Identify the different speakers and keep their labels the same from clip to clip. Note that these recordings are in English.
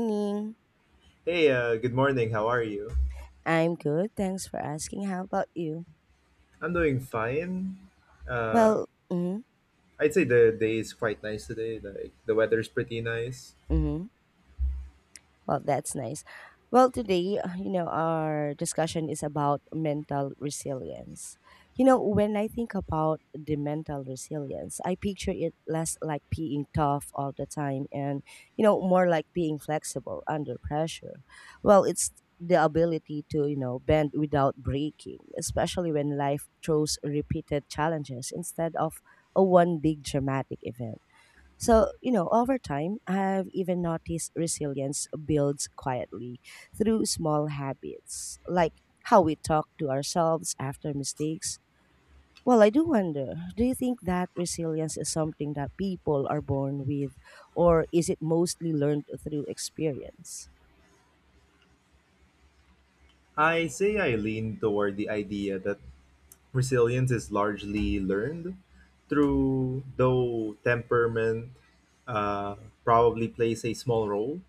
Speaker 1: Morning.
Speaker 2: Hey, good morning. How are you?
Speaker 1: I'm good. Thanks for asking. How about you?
Speaker 2: I'm doing fine. Uh,
Speaker 1: Mm-hmm,
Speaker 2: I'd say the day is quite nice today. Like the weather's pretty nice.
Speaker 1: mm-hmm. Well, that's nice. Well, today, our discussion is about mental resilience. You know, when I think about the mental resilience, I picture it less like being tough all the time and more like being flexible under pressure. Well, it's the ability to, bend without breaking, especially when life throws repeated challenges instead of a one big dramatic event. So, over time, I've even noticed resilience builds quietly through small habits, like how we talk to ourselves after mistakes well, I do wonder do you think that resilience is something that people are born with, or is it mostly learned through experience?
Speaker 2: I lean toward the idea that resilience is largely learned through though temperament uh, probably plays a small role.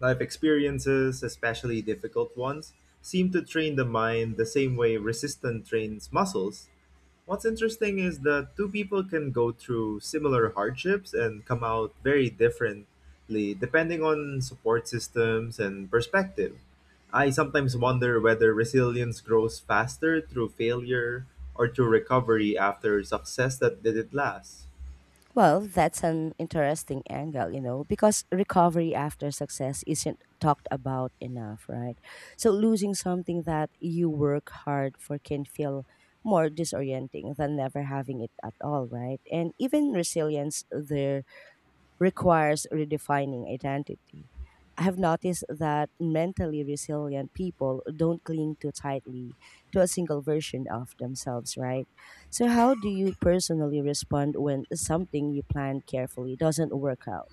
Speaker 2: Life experiences, especially difficult ones, seem to train the mind the same way resistance trains muscles. What's interesting is that two people can go through similar hardships and come out very differently depending on support systems and perspective. I sometimes wonder whether resilience grows faster through failure or through recovery after success that didn't last.
Speaker 1: Well, that's an interesting angle, you know, because recovery after success isn't talked about enough, right? So losing something that you work hard for can feel more disorienting than never having it at all, right? And even resilience there requires redefining identity. I have noticed that mentally resilient people don't cling too tightly to a single version of themselves, right? So, how do you personally respond when something you planned carefully doesn't work out?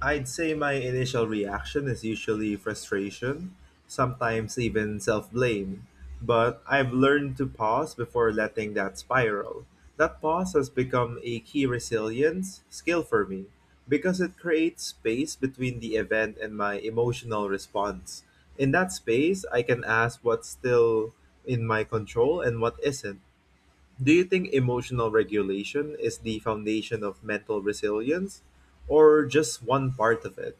Speaker 2: I'd say my initial reaction is usually frustration, sometimes even self blame, but I've learned to pause before letting that spiral. That pause has become a key resilience skill for me because it creates space between the event and my emotional response. In that space, I can ask what's still in my control and what isn't. Do you think emotional regulation is the foundation of mental resilience or just one part of it?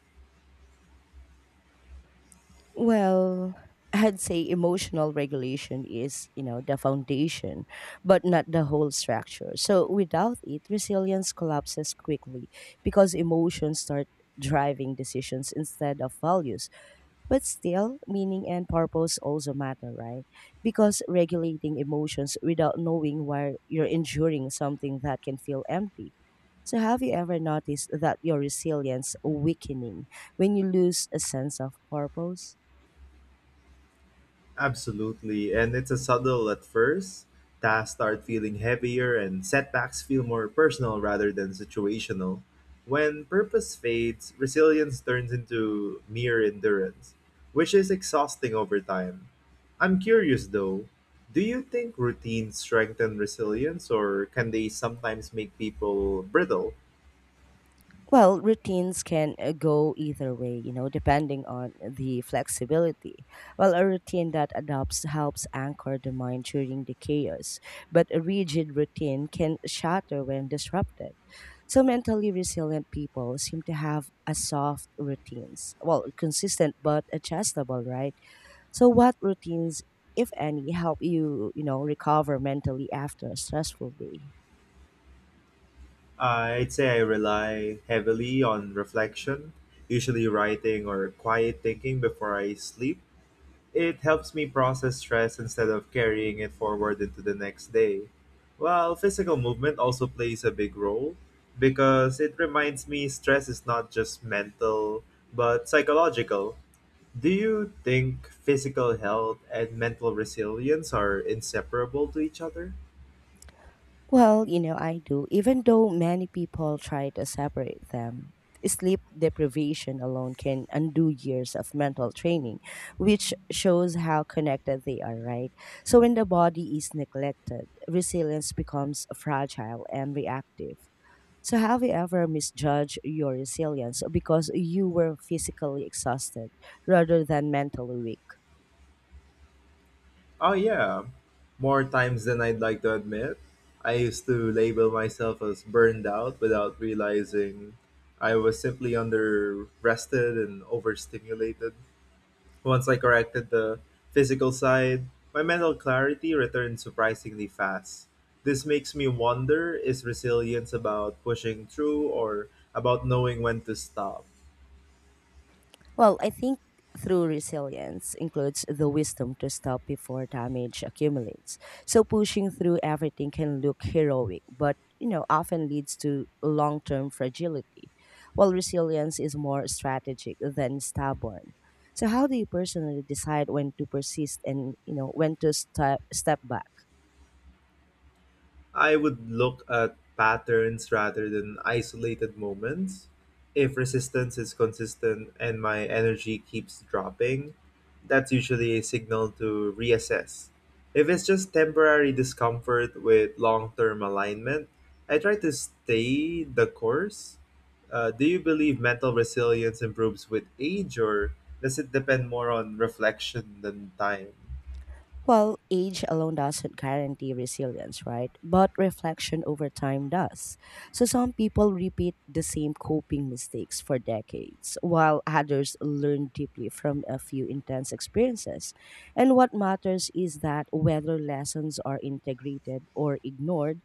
Speaker 1: Well, I'd say emotional regulation is, you know, the foundation, but not the whole structure. So, without it, resilience collapses quickly because emotions start driving decisions instead of values. But still, meaning and purpose also matter, right? Because regulating emotions without knowing why you're enduring something that can feel empty. So, have you ever noticed that your resilience weakening when you lose a sense of purpose?
Speaker 2: Absolutely, and it's a subtle at first. Tasks start feeling heavier and setbacks feel more personal rather than situational. When purpose fades, resilience turns into mere endurance, which is exhausting over time. I'm curious though, do you think routines strengthen resilience or can they sometimes make people brittle?
Speaker 1: Well, routines can go either way, you know, depending on the flexibility. Well, a routine that adopts helps anchor the mind during the chaos, but a rigid routine can shatter when disrupted. So, mentally resilient people seem to have a soft routines. Well, consistent but adjustable, right? So, what routines, if any, help you, recover mentally after a stressful day?
Speaker 2: I'd say I rely heavily on reflection, usually writing or quiet thinking before I sleep. It helps me process stress instead of carrying it forward into the next day. While physical movement also plays a big role because it reminds me stress is not just mental but psychological. Do you think physical health and mental resilience are inseparable to each other?
Speaker 1: Well, you know, I do. Even though many people try to separate them, sleep deprivation alone can undo years of mental training, which shows how connected they are, right? So when the body is neglected, resilience becomes fragile and reactive. So have you ever misjudged your resilience because you were physically exhausted rather than mentally weak?
Speaker 2: Oh, yeah. More times than I'd like to admit. I used to label myself as burned out without realizing I was simply under rested and overstimulated. Once I corrected the physical side, my mental clarity returned surprisingly fast. This makes me wonder is resilience about pushing through or about knowing when to stop?
Speaker 1: Well, I think through resilience includes the wisdom to stop before damage accumulates. So pushing through everything can look heroic, but you know, often leads to long-term fragility. While resilience is more strategic than stubborn. So how do you personally decide when to persist and you know when to step back?
Speaker 2: I would look at patterns rather than isolated moments. If resistance is consistent and my energy keeps dropping, that's usually a signal to reassess. If it's just temporary discomfort with long term alignment, I try to stay the course. Do you believe mental resilience improves with age, or does it depend more on reflection than time?
Speaker 1: Well, age alone doesn't guarantee resilience, right? But reflection over time does. So some people repeat the same coping mistakes for decades, while others learn deeply from a few intense experiences. And what matters is that whether lessons are integrated or ignored,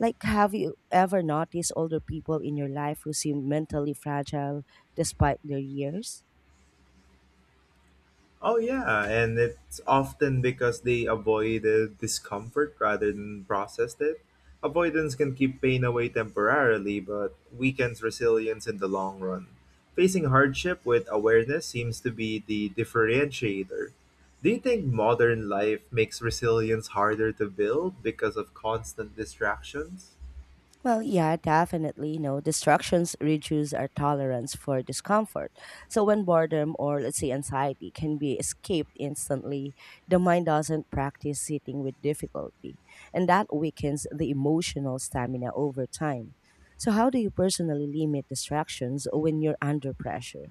Speaker 1: like have you ever noticed older people in your life who seem mentally fragile despite their years?
Speaker 2: Oh yeah, and it's often because they avoided discomfort rather than processed it. Avoidance can keep pain away temporarily, but weakens resilience in the long run. Facing hardship with awareness seems to be the differentiator. Do you think modern life makes resilience harder to build because of constant distractions?
Speaker 1: Well, yeah, definitely. No, distractions reduce our tolerance for discomfort. So when boredom or let's say anxiety can be escaped instantly, the mind doesn't practice sitting with difficulty, and that weakens the emotional stamina over time. So how do you personally limit distractions when you're under pressure?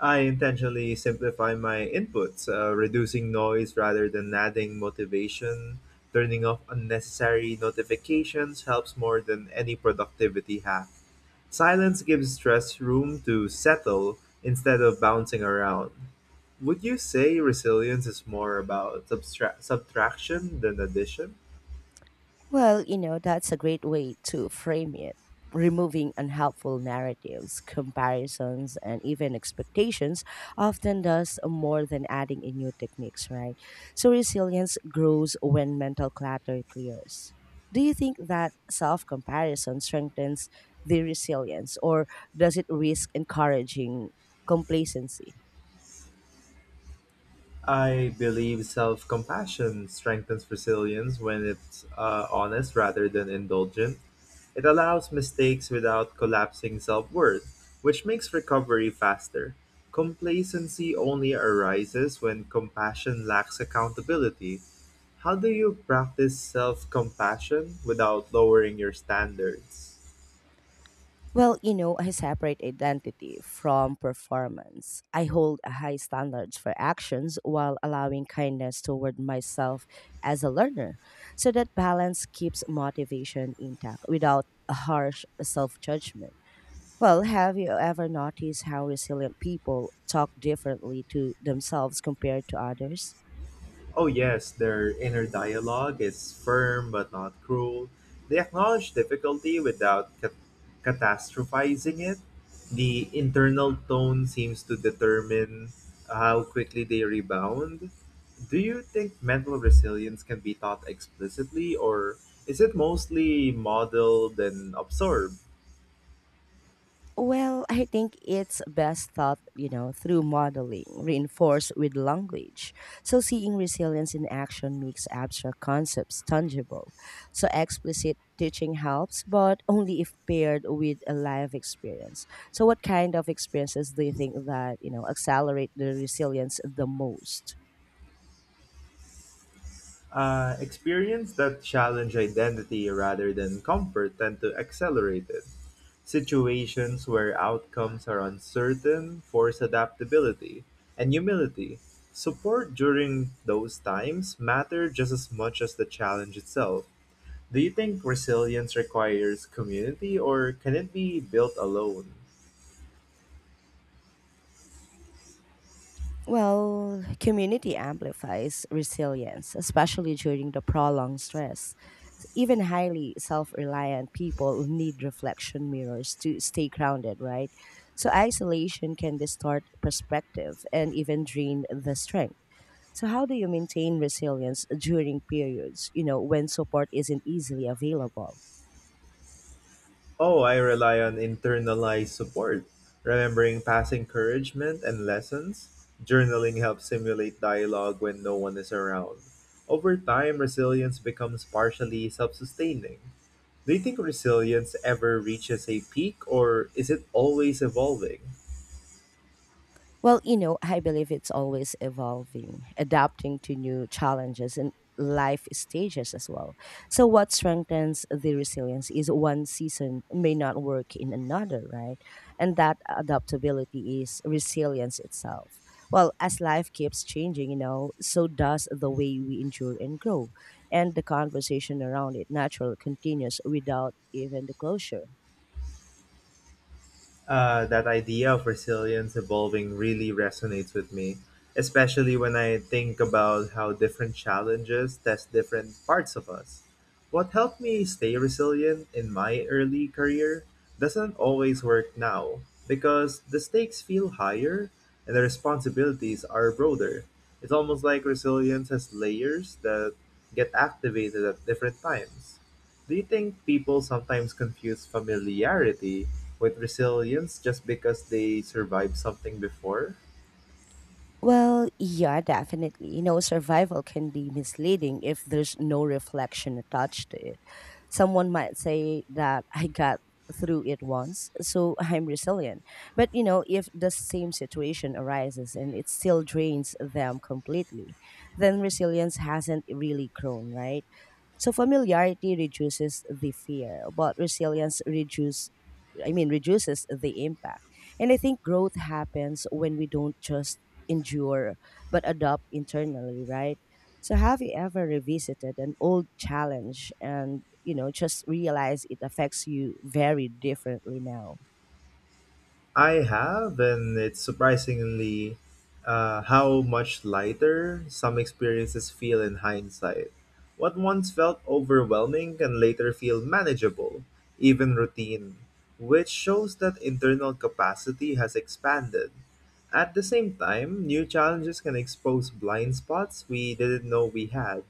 Speaker 2: I intentionally simplify my inputs, reducing noise rather than adding motivation. Turning off unnecessary notifications helps more than any productivity hack. Silence gives stress room to settle instead of bouncing around. Would you say resilience is more about subtraction than addition?
Speaker 1: Well, you know, that's a great way to frame it. Removing unhelpful narratives, comparisons, and even expectations often does more than adding in new techniques, right? So resilience grows when mental clutter clears. Do you think that self comparison strengthens the resilience or does it risk encouraging complacency?
Speaker 2: I believe self compassion strengthens resilience when it's honest rather than indulgent. It allows mistakes without collapsing self worth, which makes recovery faster. Complacency only arises when compassion lacks accountability. How do you practice self compassion without lowering your standards?
Speaker 1: Well, you know, I separate identity from performance. I hold a high standards for actions while allowing kindness toward myself as a learner. So that balance keeps motivation intact without a harsh self-judgment. Well, have you ever noticed how resilient people talk differently to themselves compared to others?
Speaker 2: Oh, yes, their inner dialogue is firm but not cruel. They acknowledge difficulty without catastrophizing it. The internal tone seems to determine how quickly they rebound. Do you think mental resilience can be taught explicitly, or is it mostly modeled and absorbed?
Speaker 1: Well, I think it's best thought, you know, through modeling, reinforced with language. So seeing resilience in action makes abstract concepts tangible. So explicit teaching helps, but only if paired with a live experience. So what kind of experiences do you think that, accelerate the resilience the most?
Speaker 2: Experience that challenge identity rather than comfort tend to accelerate it. Situations where outcomes are uncertain force adaptability and humility. Support during those times matter just as much as the challenge itself. Do you think resilience requires community or can it be built alone?
Speaker 1: Well, community amplifies resilience, especially during the prolonged stress. Even highly self reliant people need reflection mirrors to stay grounded, right? So, isolation can distort perspective and even drain the strength. So, how do you maintain resilience during periods, when support isn't easily available?
Speaker 2: Oh, I rely on internalized support, remembering past encouragement and lessons. Journaling helps simulate dialogue when no one is around. Over time, resilience becomes partially self sustaining. Do you think resilience ever reaches a peak, or is it always evolving?
Speaker 1: Well, you know, I believe it's always evolving, adapting to new challenges and life stages as well. So, what strengthens the resilience is one season may not work in another, right? And that adaptability is resilience itself. Well, as life keeps changing, you know, so does the way we endure and grow. And the conversation around it natural continues without even the closure.
Speaker 2: That idea of resilience evolving really resonates with me, especially when I think about how different challenges test different parts of us. What helped me stay resilient in my early career doesn't always work now because the stakes feel higher and the responsibilities are broader. It's almost like resilience has layers that get activated at different times. Do you think people sometimes confuse familiarity with resilience just because they survived something before?
Speaker 1: Well, yeah, definitely. You know, survival can be misleading if there's no reflection attached to it. Someone might say that I got through it once, so I'm resilient. But, you know, if the same situation arises and it still drains them completely, then resilience hasn't really grown, right? So familiarity reduces the fear, but resilience reduces reduces the impact. And I think growth happens when we don't just endure but adopt internally, right? So have you ever revisited an old challenge and you know just realize it affects you very differently now?
Speaker 2: I have, and it's surprisingly how much lighter some experiences feel in hindsight. What once felt overwhelming can later feel manageable, even routine, which shows that internal capacity has expanded. At the same time, new challenges can expose blind spots we didn't know we had.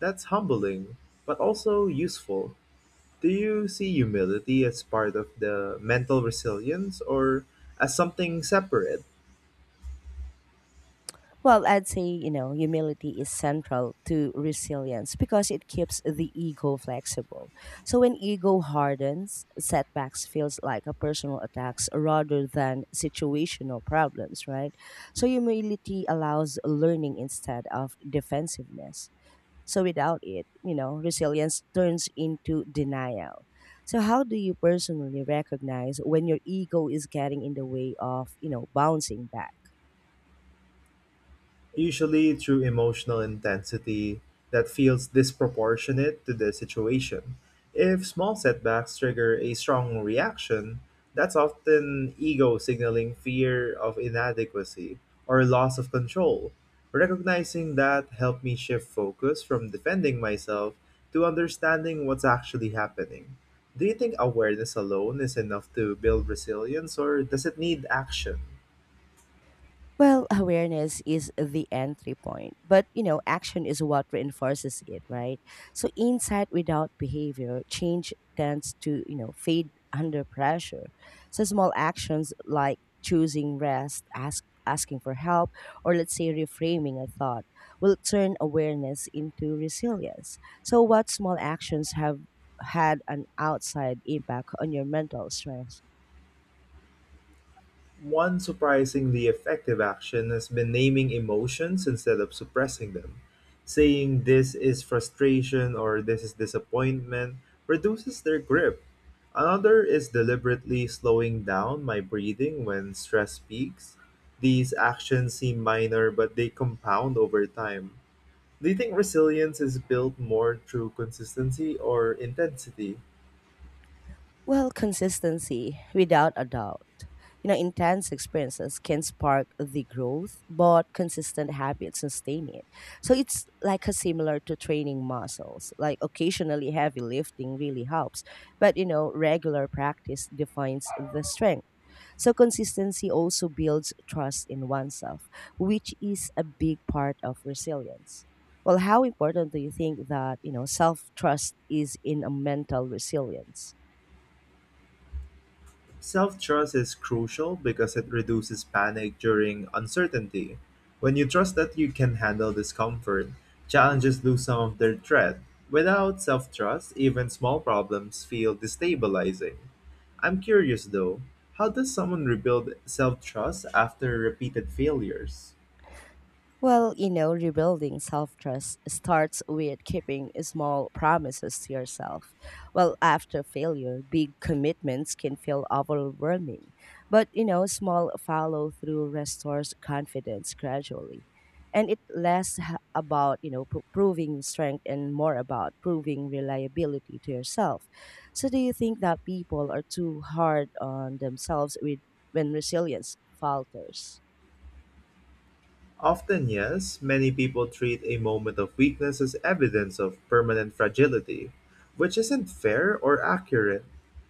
Speaker 2: That's humbling, but also useful. Do you see humility as part of the mental resilience or as something separate?
Speaker 1: Well, I'd say, you know, humility is central to resilience because it keeps the ego flexible. So when ego hardens, setbacks feels like a personal attacks rather than situational problems, right? So humility allows learning instead of defensiveness. So without it, resilience turns into denial. So how do you personally recognize when your ego is getting in the way of, bouncing back?
Speaker 2: Usually through emotional intensity that feels disproportionate to the situation. If small setbacks trigger a strong reaction, that's often ego signaling fear of inadequacy or loss of control. Recognizing that helped me shift focus from defending myself to understanding what's actually happening. Do you think awareness alone is enough to build resilience or does it need action?
Speaker 1: Well, awareness is the entry point, but you know, action is what reinforces it, right? So insight without behavior, change tends to, fade under pressure. So small actions like choosing rest, asking for help, or let's say reframing a thought will turn awareness into resilience. So what small actions have had an outside impact on your mental strength?
Speaker 2: One surprisingly effective action has been naming emotions instead of suppressing them. Saying this is frustration or this is disappointment reduces their grip. Another is deliberately slowing down my breathing when stress peaks. These actions seem minor, but they compound over time. Do you think resilience is built more through consistency or intensity?
Speaker 1: Well, consistency, without a doubt. You know, intense experiences can spark the growth, but consistent habits sustain it. So it's like a similar to training muscles. Like occasionally heavy lifting really helps, but you know, regular practice defines the strength. So consistency also builds trust in oneself, which is a big part of resilience. Well, how important do you think that, self-trust is in a mental resilience?
Speaker 2: Self trust is crucial because it reduces panic during uncertainty. When you trust that you can handle discomfort, challenges lose some of their threat. Without self trust, even small problems feel destabilizing. I'm curious though, how does someone rebuild self trust after repeated failures?
Speaker 1: Well, you know, rebuilding self trust starts with keeping small promises to yourself. Well, after failure, big commitments can feel overwhelming. But, you know, small follow through restores confidence gradually. And it about, you know, proving strength and more about proving reliability to yourself. So, do you think that people are too hard on themselves with, when resilience falters?
Speaker 2: Often yes, many people treat a moment of weakness as evidence of permanent fragility, which isn't fair or accurate.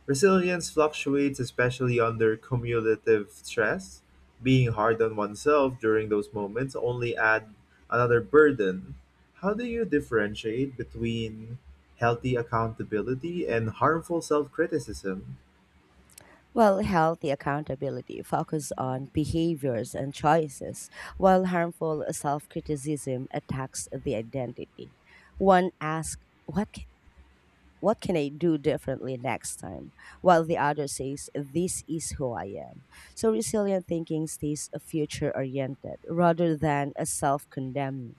Speaker 2: Resilience fluctuates, especially under cumulative stress. Being hard on oneself during those moments only add another burden. How do you differentiate between healthy accountability and harmful self-criticism?
Speaker 1: Well, healthy accountability focuses on behaviors and choices, while harmful self criticism attacks the identity. One asks, what can I do differently next time? While the other says, this is who I am. So resilient thinking stays future oriented rather than a self condemning.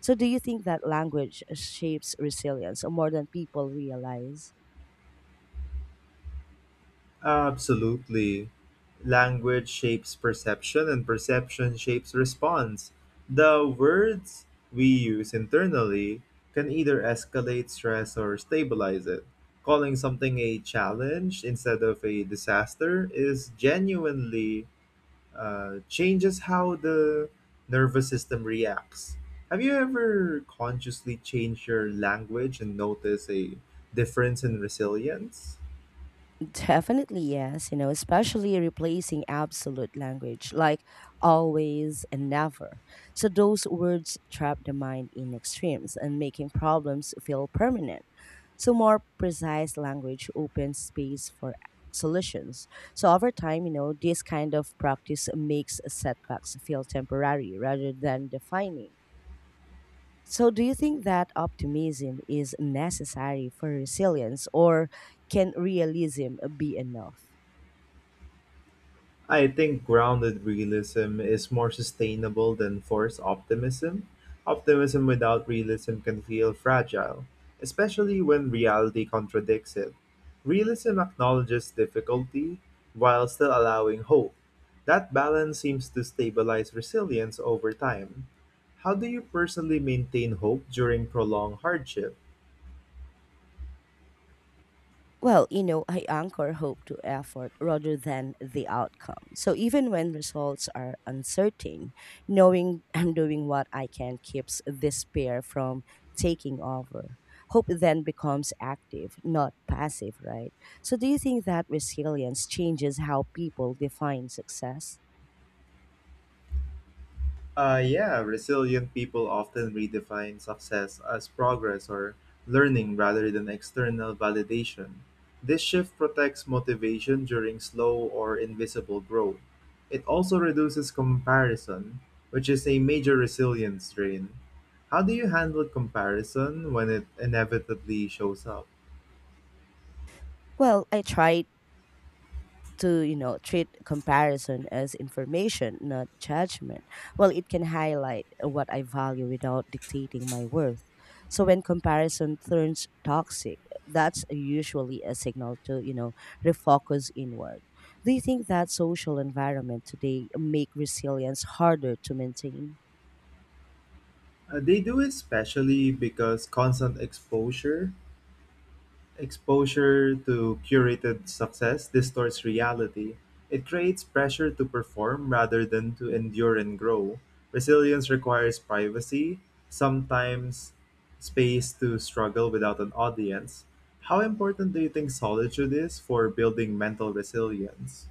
Speaker 1: So, do you think that language shapes resilience more than people realize?
Speaker 2: Absolutely. Language shapes perception and perception shapes response. The words we use internally can either escalate stress or stabilize it. Calling something a challenge instead of a disaster is genuinely changes how the nervous system reacts. Have you ever consciously changed your language and noticed a difference in resilience?
Speaker 1: Definitely yes, you know, especially replacing absolute language like always and never. So those words trap the mind in extremes and making problems feel permanent. So more precise language opens space for solutions. So over time, you know, this kind of practice makes setbacks feel temporary rather than defining. So, do you think that optimism is necessary for resilience, or can realism be enough?
Speaker 2: I think grounded realism is more sustainable than forced optimism. Optimism without realism can feel fragile, especially when reality contradicts it. Realism acknowledges difficulty while still allowing hope. That balance seems to stabilize resilience over time. How do you personally maintain hope during prolonged hardship?
Speaker 1: Well, you know, I anchor hope to effort rather than the outcome. So, even when results are uncertain, knowing I'm doing what I can keeps despair from taking over. Hope then becomes active, not passive, right? So, do you think that resilience changes how people define success?
Speaker 2: Yeah, resilient people often redefine success as progress or learning rather than external validation. This shift protects motivation during slow or invisible growth. It also reduces comparison, which is a major resilience strain. How do you handle comparison when it inevitably shows up?
Speaker 1: Well, I try to, treat comparison as information, not judgment. Well, it can highlight what I value without dictating my worth. So when comparison turns toxic, that's usually a signal to, refocus inward. Do you think that social environment today make resilience harder to maintain?
Speaker 2: They do it especially because constant Exposure to curated success distorts reality. It creates pressure to perform rather than to endure and grow. Resilience requires privacy, sometimes space to struggle without an audience. How important do you think solitude is for building mental resilience?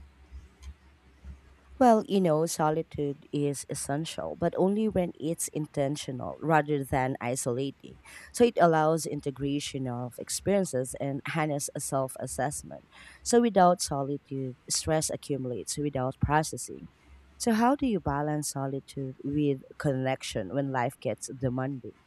Speaker 1: Well, you know, solitude is essential, but only when it's intentional rather than isolating. So it allows integration of experiences and harness a self assessment. So without solitude, stress accumulates without processing. So, how do you balance solitude with connection when life gets demanding?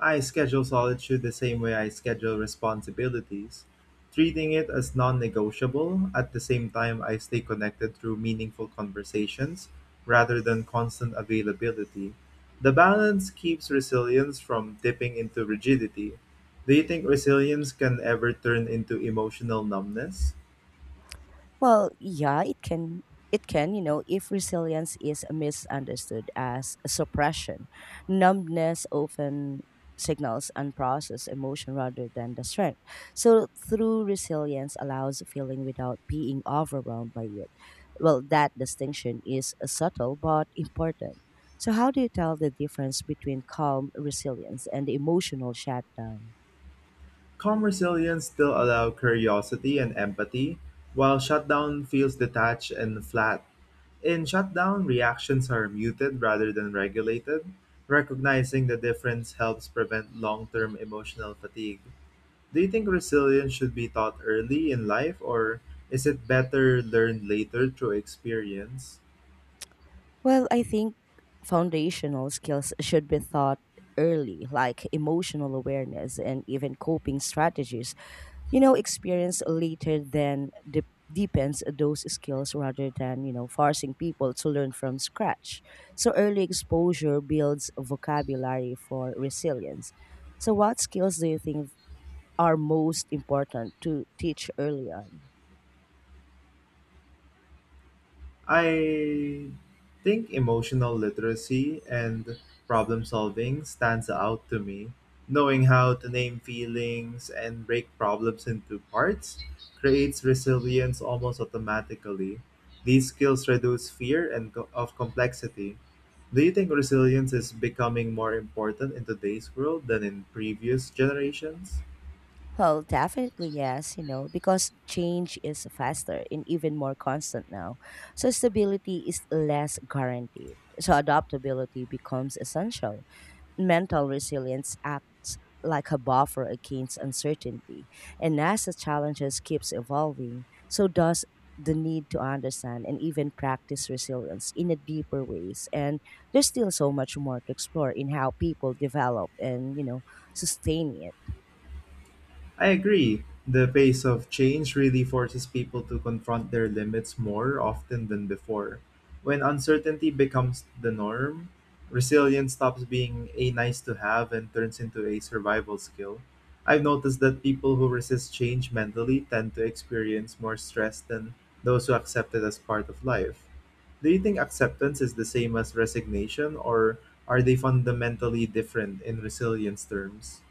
Speaker 2: I schedule solitude the same way I schedule responsibilities, treating it as non negotiable. At the same time, I stay connected through meaningful conversations rather than constant availability. The balance keeps resilience from dipping into rigidity. Do you think resilience can ever turn into emotional numbness?
Speaker 1: Well, yeah, it can. It can, you know, if resilience is misunderstood as suppression, numbness often signals unprocessed emotion rather than the strength. So, through resilience allows feeling without being overwhelmed by it. Well, that distinction is subtle but important. So, how do you tell the difference between calm resilience and emotional shutdown?
Speaker 2: Calm resilience still allow curiosity and empathy, while shutdown feels detached and flat. In shutdown, reactions are muted rather than regulated. Recognizing the difference helps prevent long term emotional fatigue. Do you think resilience should be taught early in life, or is it better learned later through experience?
Speaker 1: Well, I think foundational skills should be taught early, like emotional awareness and even coping strategies. You know, experience later then deepens those skills rather than, forcing people to learn from scratch. So early exposure builds vocabulary for resilience. So, what skills do you think are most important to teach early on?
Speaker 2: I think emotional literacy and problem solving stands out to me. Knowing how to name feelings and break problems into parts creates resilience almost automatically. These skills reduce fear and of complexity. Do you think resilience is becoming more important in today's world than in previous generations?
Speaker 1: Well, definitely yes, you know, because change is faster and even more constant now. So stability is less guaranteed. So adaptability becomes essential. Mental resilience acts like a buffer against uncertainty. And as the challenges keeps evolving, so does the need to understand and even practice resilience in a deeper ways. And there's still so much more to explore in how people develop and, you know, sustain it.
Speaker 2: I agree. The pace of change really forces people to confront their limits more often than before. When uncertainty becomes the norm, resilience stops being a nice to have and turns into a survival skill. I've noticed that people who resist change mentally tend to experience more stress than those who accept it as part of life. Do you think acceptance is the same as resignation, or are they fundamentally different in resilience terms?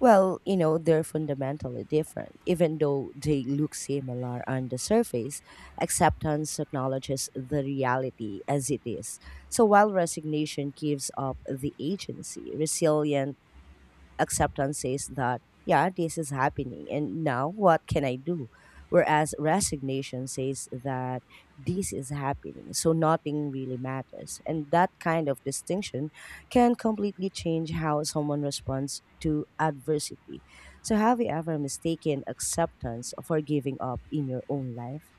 Speaker 1: Well, you know, they're fundamentally different, even though they look similar on the surface. Acceptance acknowledges the reality as it is. So while resignation gives up the agency, resilience. Acceptance says that, yeah, this is happening, and now what can I do? Whereas resignation says that this is happening, so nothing really matters. And that kind of distinction can completely change how someone responds to adversity. So, have you ever mistaken acceptance for giving up in your own life?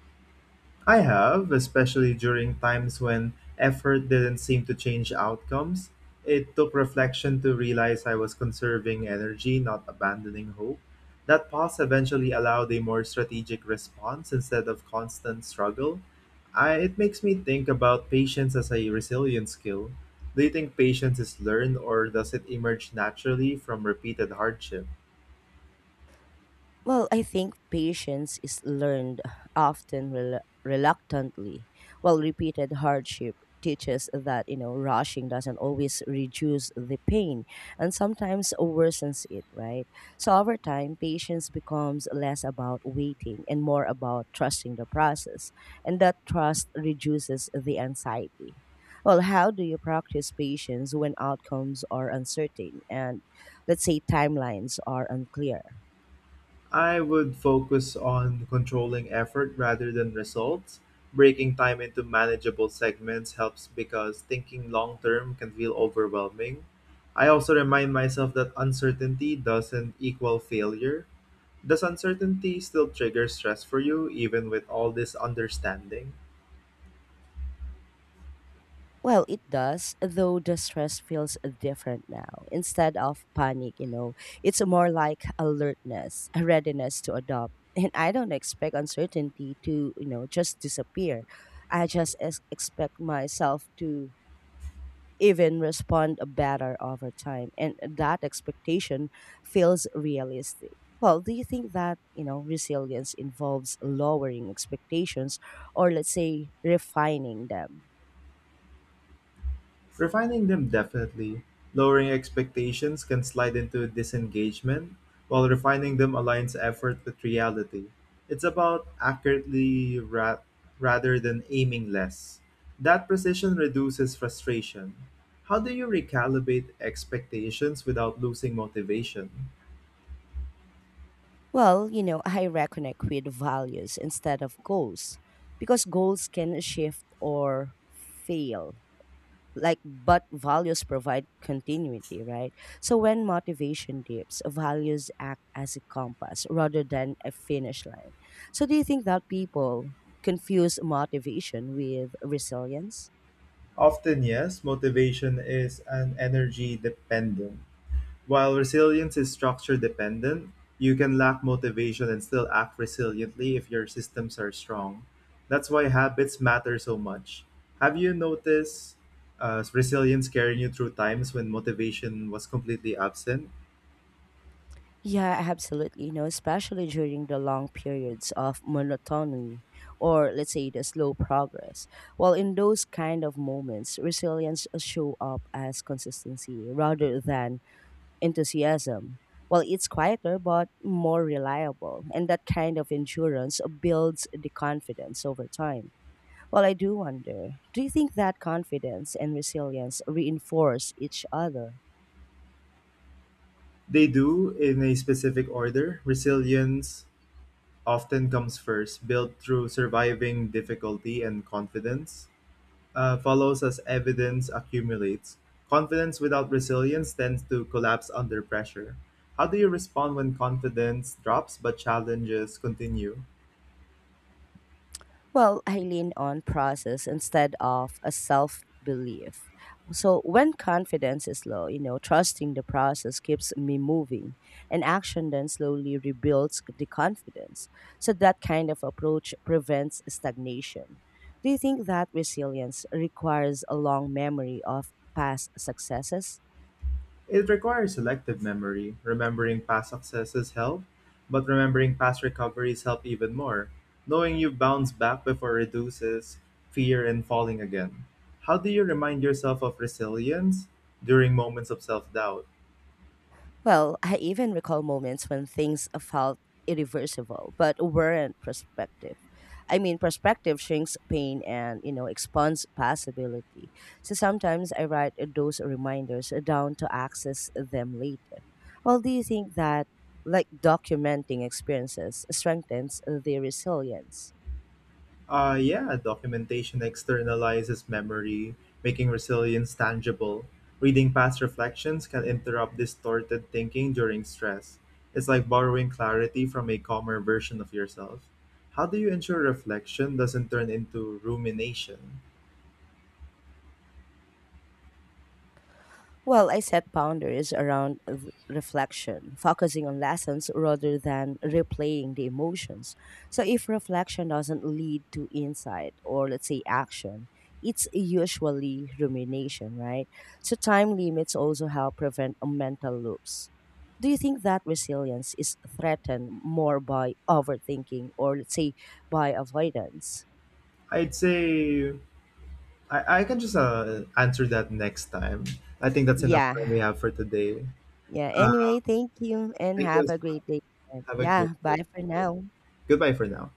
Speaker 2: I have, especially during times when effort didn't seem to change outcomes. It took reflection to realize I was conserving energy, not abandoning hope. That pause eventually allowed a more strategic response instead of constant struggle. It makes me think about patience as a resilience skill. Do you think patience is learned or does it emerge naturally from repeated hardship?
Speaker 1: Well, I think patience is learned often reluctantly, while repeated hardship teaches that you know rushing doesn't always reduce the pain and sometimes worsens it, right? So over time patience becomes less about waiting and more about trusting the process, and that trust reduces the anxiety. Well, how do you practice patience when outcomes are uncertain and, let's say, timelines are unclear?
Speaker 2: I would focus on controlling effort rather than results. Breaking time into manageable segments helps because thinking long term can feel overwhelming. I also remind myself that uncertainty doesn't equal failure. Does uncertainty still trigger stress for you, even with all this understanding?
Speaker 1: Well, it does, though the stress feels different now. Instead of panic, you know, it's more like alertness, a readiness to adopt. And I don't expect uncertainty to, you know, just disappear. I just expect myself to even respond better over time. And that expectation feels realistic. Well, do you think that, you know, resilience involves lowering expectations or, let's say, refining them?
Speaker 2: Refining them definitely. Lowering expectations can slide into disengagement, while refining them aligns effort with reality. It's about rather than aiming less. That precision reduces frustration. How do you recalibrate expectations without losing motivation?
Speaker 1: Well, you know, I reconnect with values instead of goals, because goals can shift or fail, like, but values provide continuity, right? So when motivation dips, values act as a compass rather than a finish line. So do you think that people confuse motivation with resilience?
Speaker 2: Often, yes, motivation is an energy dependent. While resilience is structure dependent, you can lack motivation and still act resiliently if your systems are strong. That's why habits matter so much. Have you noticed resilience carrying you through times when motivation was completely absent?
Speaker 1: Yeah, absolutely. You know, especially during the long periods of monotony or, let's say, the slow progress. Well, in those kind of moments, resilience show up as consistency rather than enthusiasm. Well, it's quieter but more reliable, and that kind of endurance builds the confidence over time. Well, I do wonder, do you think that confidence and resilience reinforce each other?
Speaker 2: They do in a specific order. Resilience often comes first, built through surviving difficulty and confidence. Follows as evidence accumulates. Confidence without resilience tends to collapse under pressure. How do you respond when confidence drops but challenges continue?
Speaker 1: Well, I lean on process instead of a self belief. So when confidence is low, you know, trusting the process keeps me moving, and action then slowly rebuilds the confidence. So that kind of approach prevents stagnation. Do you think that resilience requires a long memory of past successes?
Speaker 2: It requires selective memory. Remembering past successes help, but remembering past recoveries help even more. Knowing you bounce back before reduces fear and falling again. How do you remind yourself of resilience during moments of self-doubt?
Speaker 1: Well, I even recall moments when things felt irreversible but weren't perspective. I mean, perspective shrinks pain and, you know, expands possibility. So sometimes I write those reminders down to access them later. Well, do you think that, like, documenting experiences strengthens the resilience?
Speaker 2: Yeah, documentation externalizes memory, making resilience tangible. Reading past reflections can interrupt distorted thinking during stress. It's like borrowing clarity from a calmer version of yourself. How do you ensure reflection doesn't turn into rumination?
Speaker 1: Well, I set boundaries around reflection, focusing on lessons rather than replaying the emotions. So, if reflection doesn't lead to insight or, let's say, action, it's usually rumination, right? So, time limits also help prevent a mental loops. Do you think that resilience is threatened more by overthinking or, let's say, by avoidance?
Speaker 2: I'd say I can just answer that next time. I think that's enough time we
Speaker 1: Yeah.
Speaker 2: have for today.
Speaker 1: Yeah.
Speaker 2: Uh,
Speaker 1: Anyway, thank you and
Speaker 2: Thank you
Speaker 1: have
Speaker 2: as
Speaker 1: a
Speaker 2: well.
Speaker 1: great day.
Speaker 2: Have a great
Speaker 1: Yeah.
Speaker 2: week.
Speaker 1: Bye for now.
Speaker 2: Goodbye for now.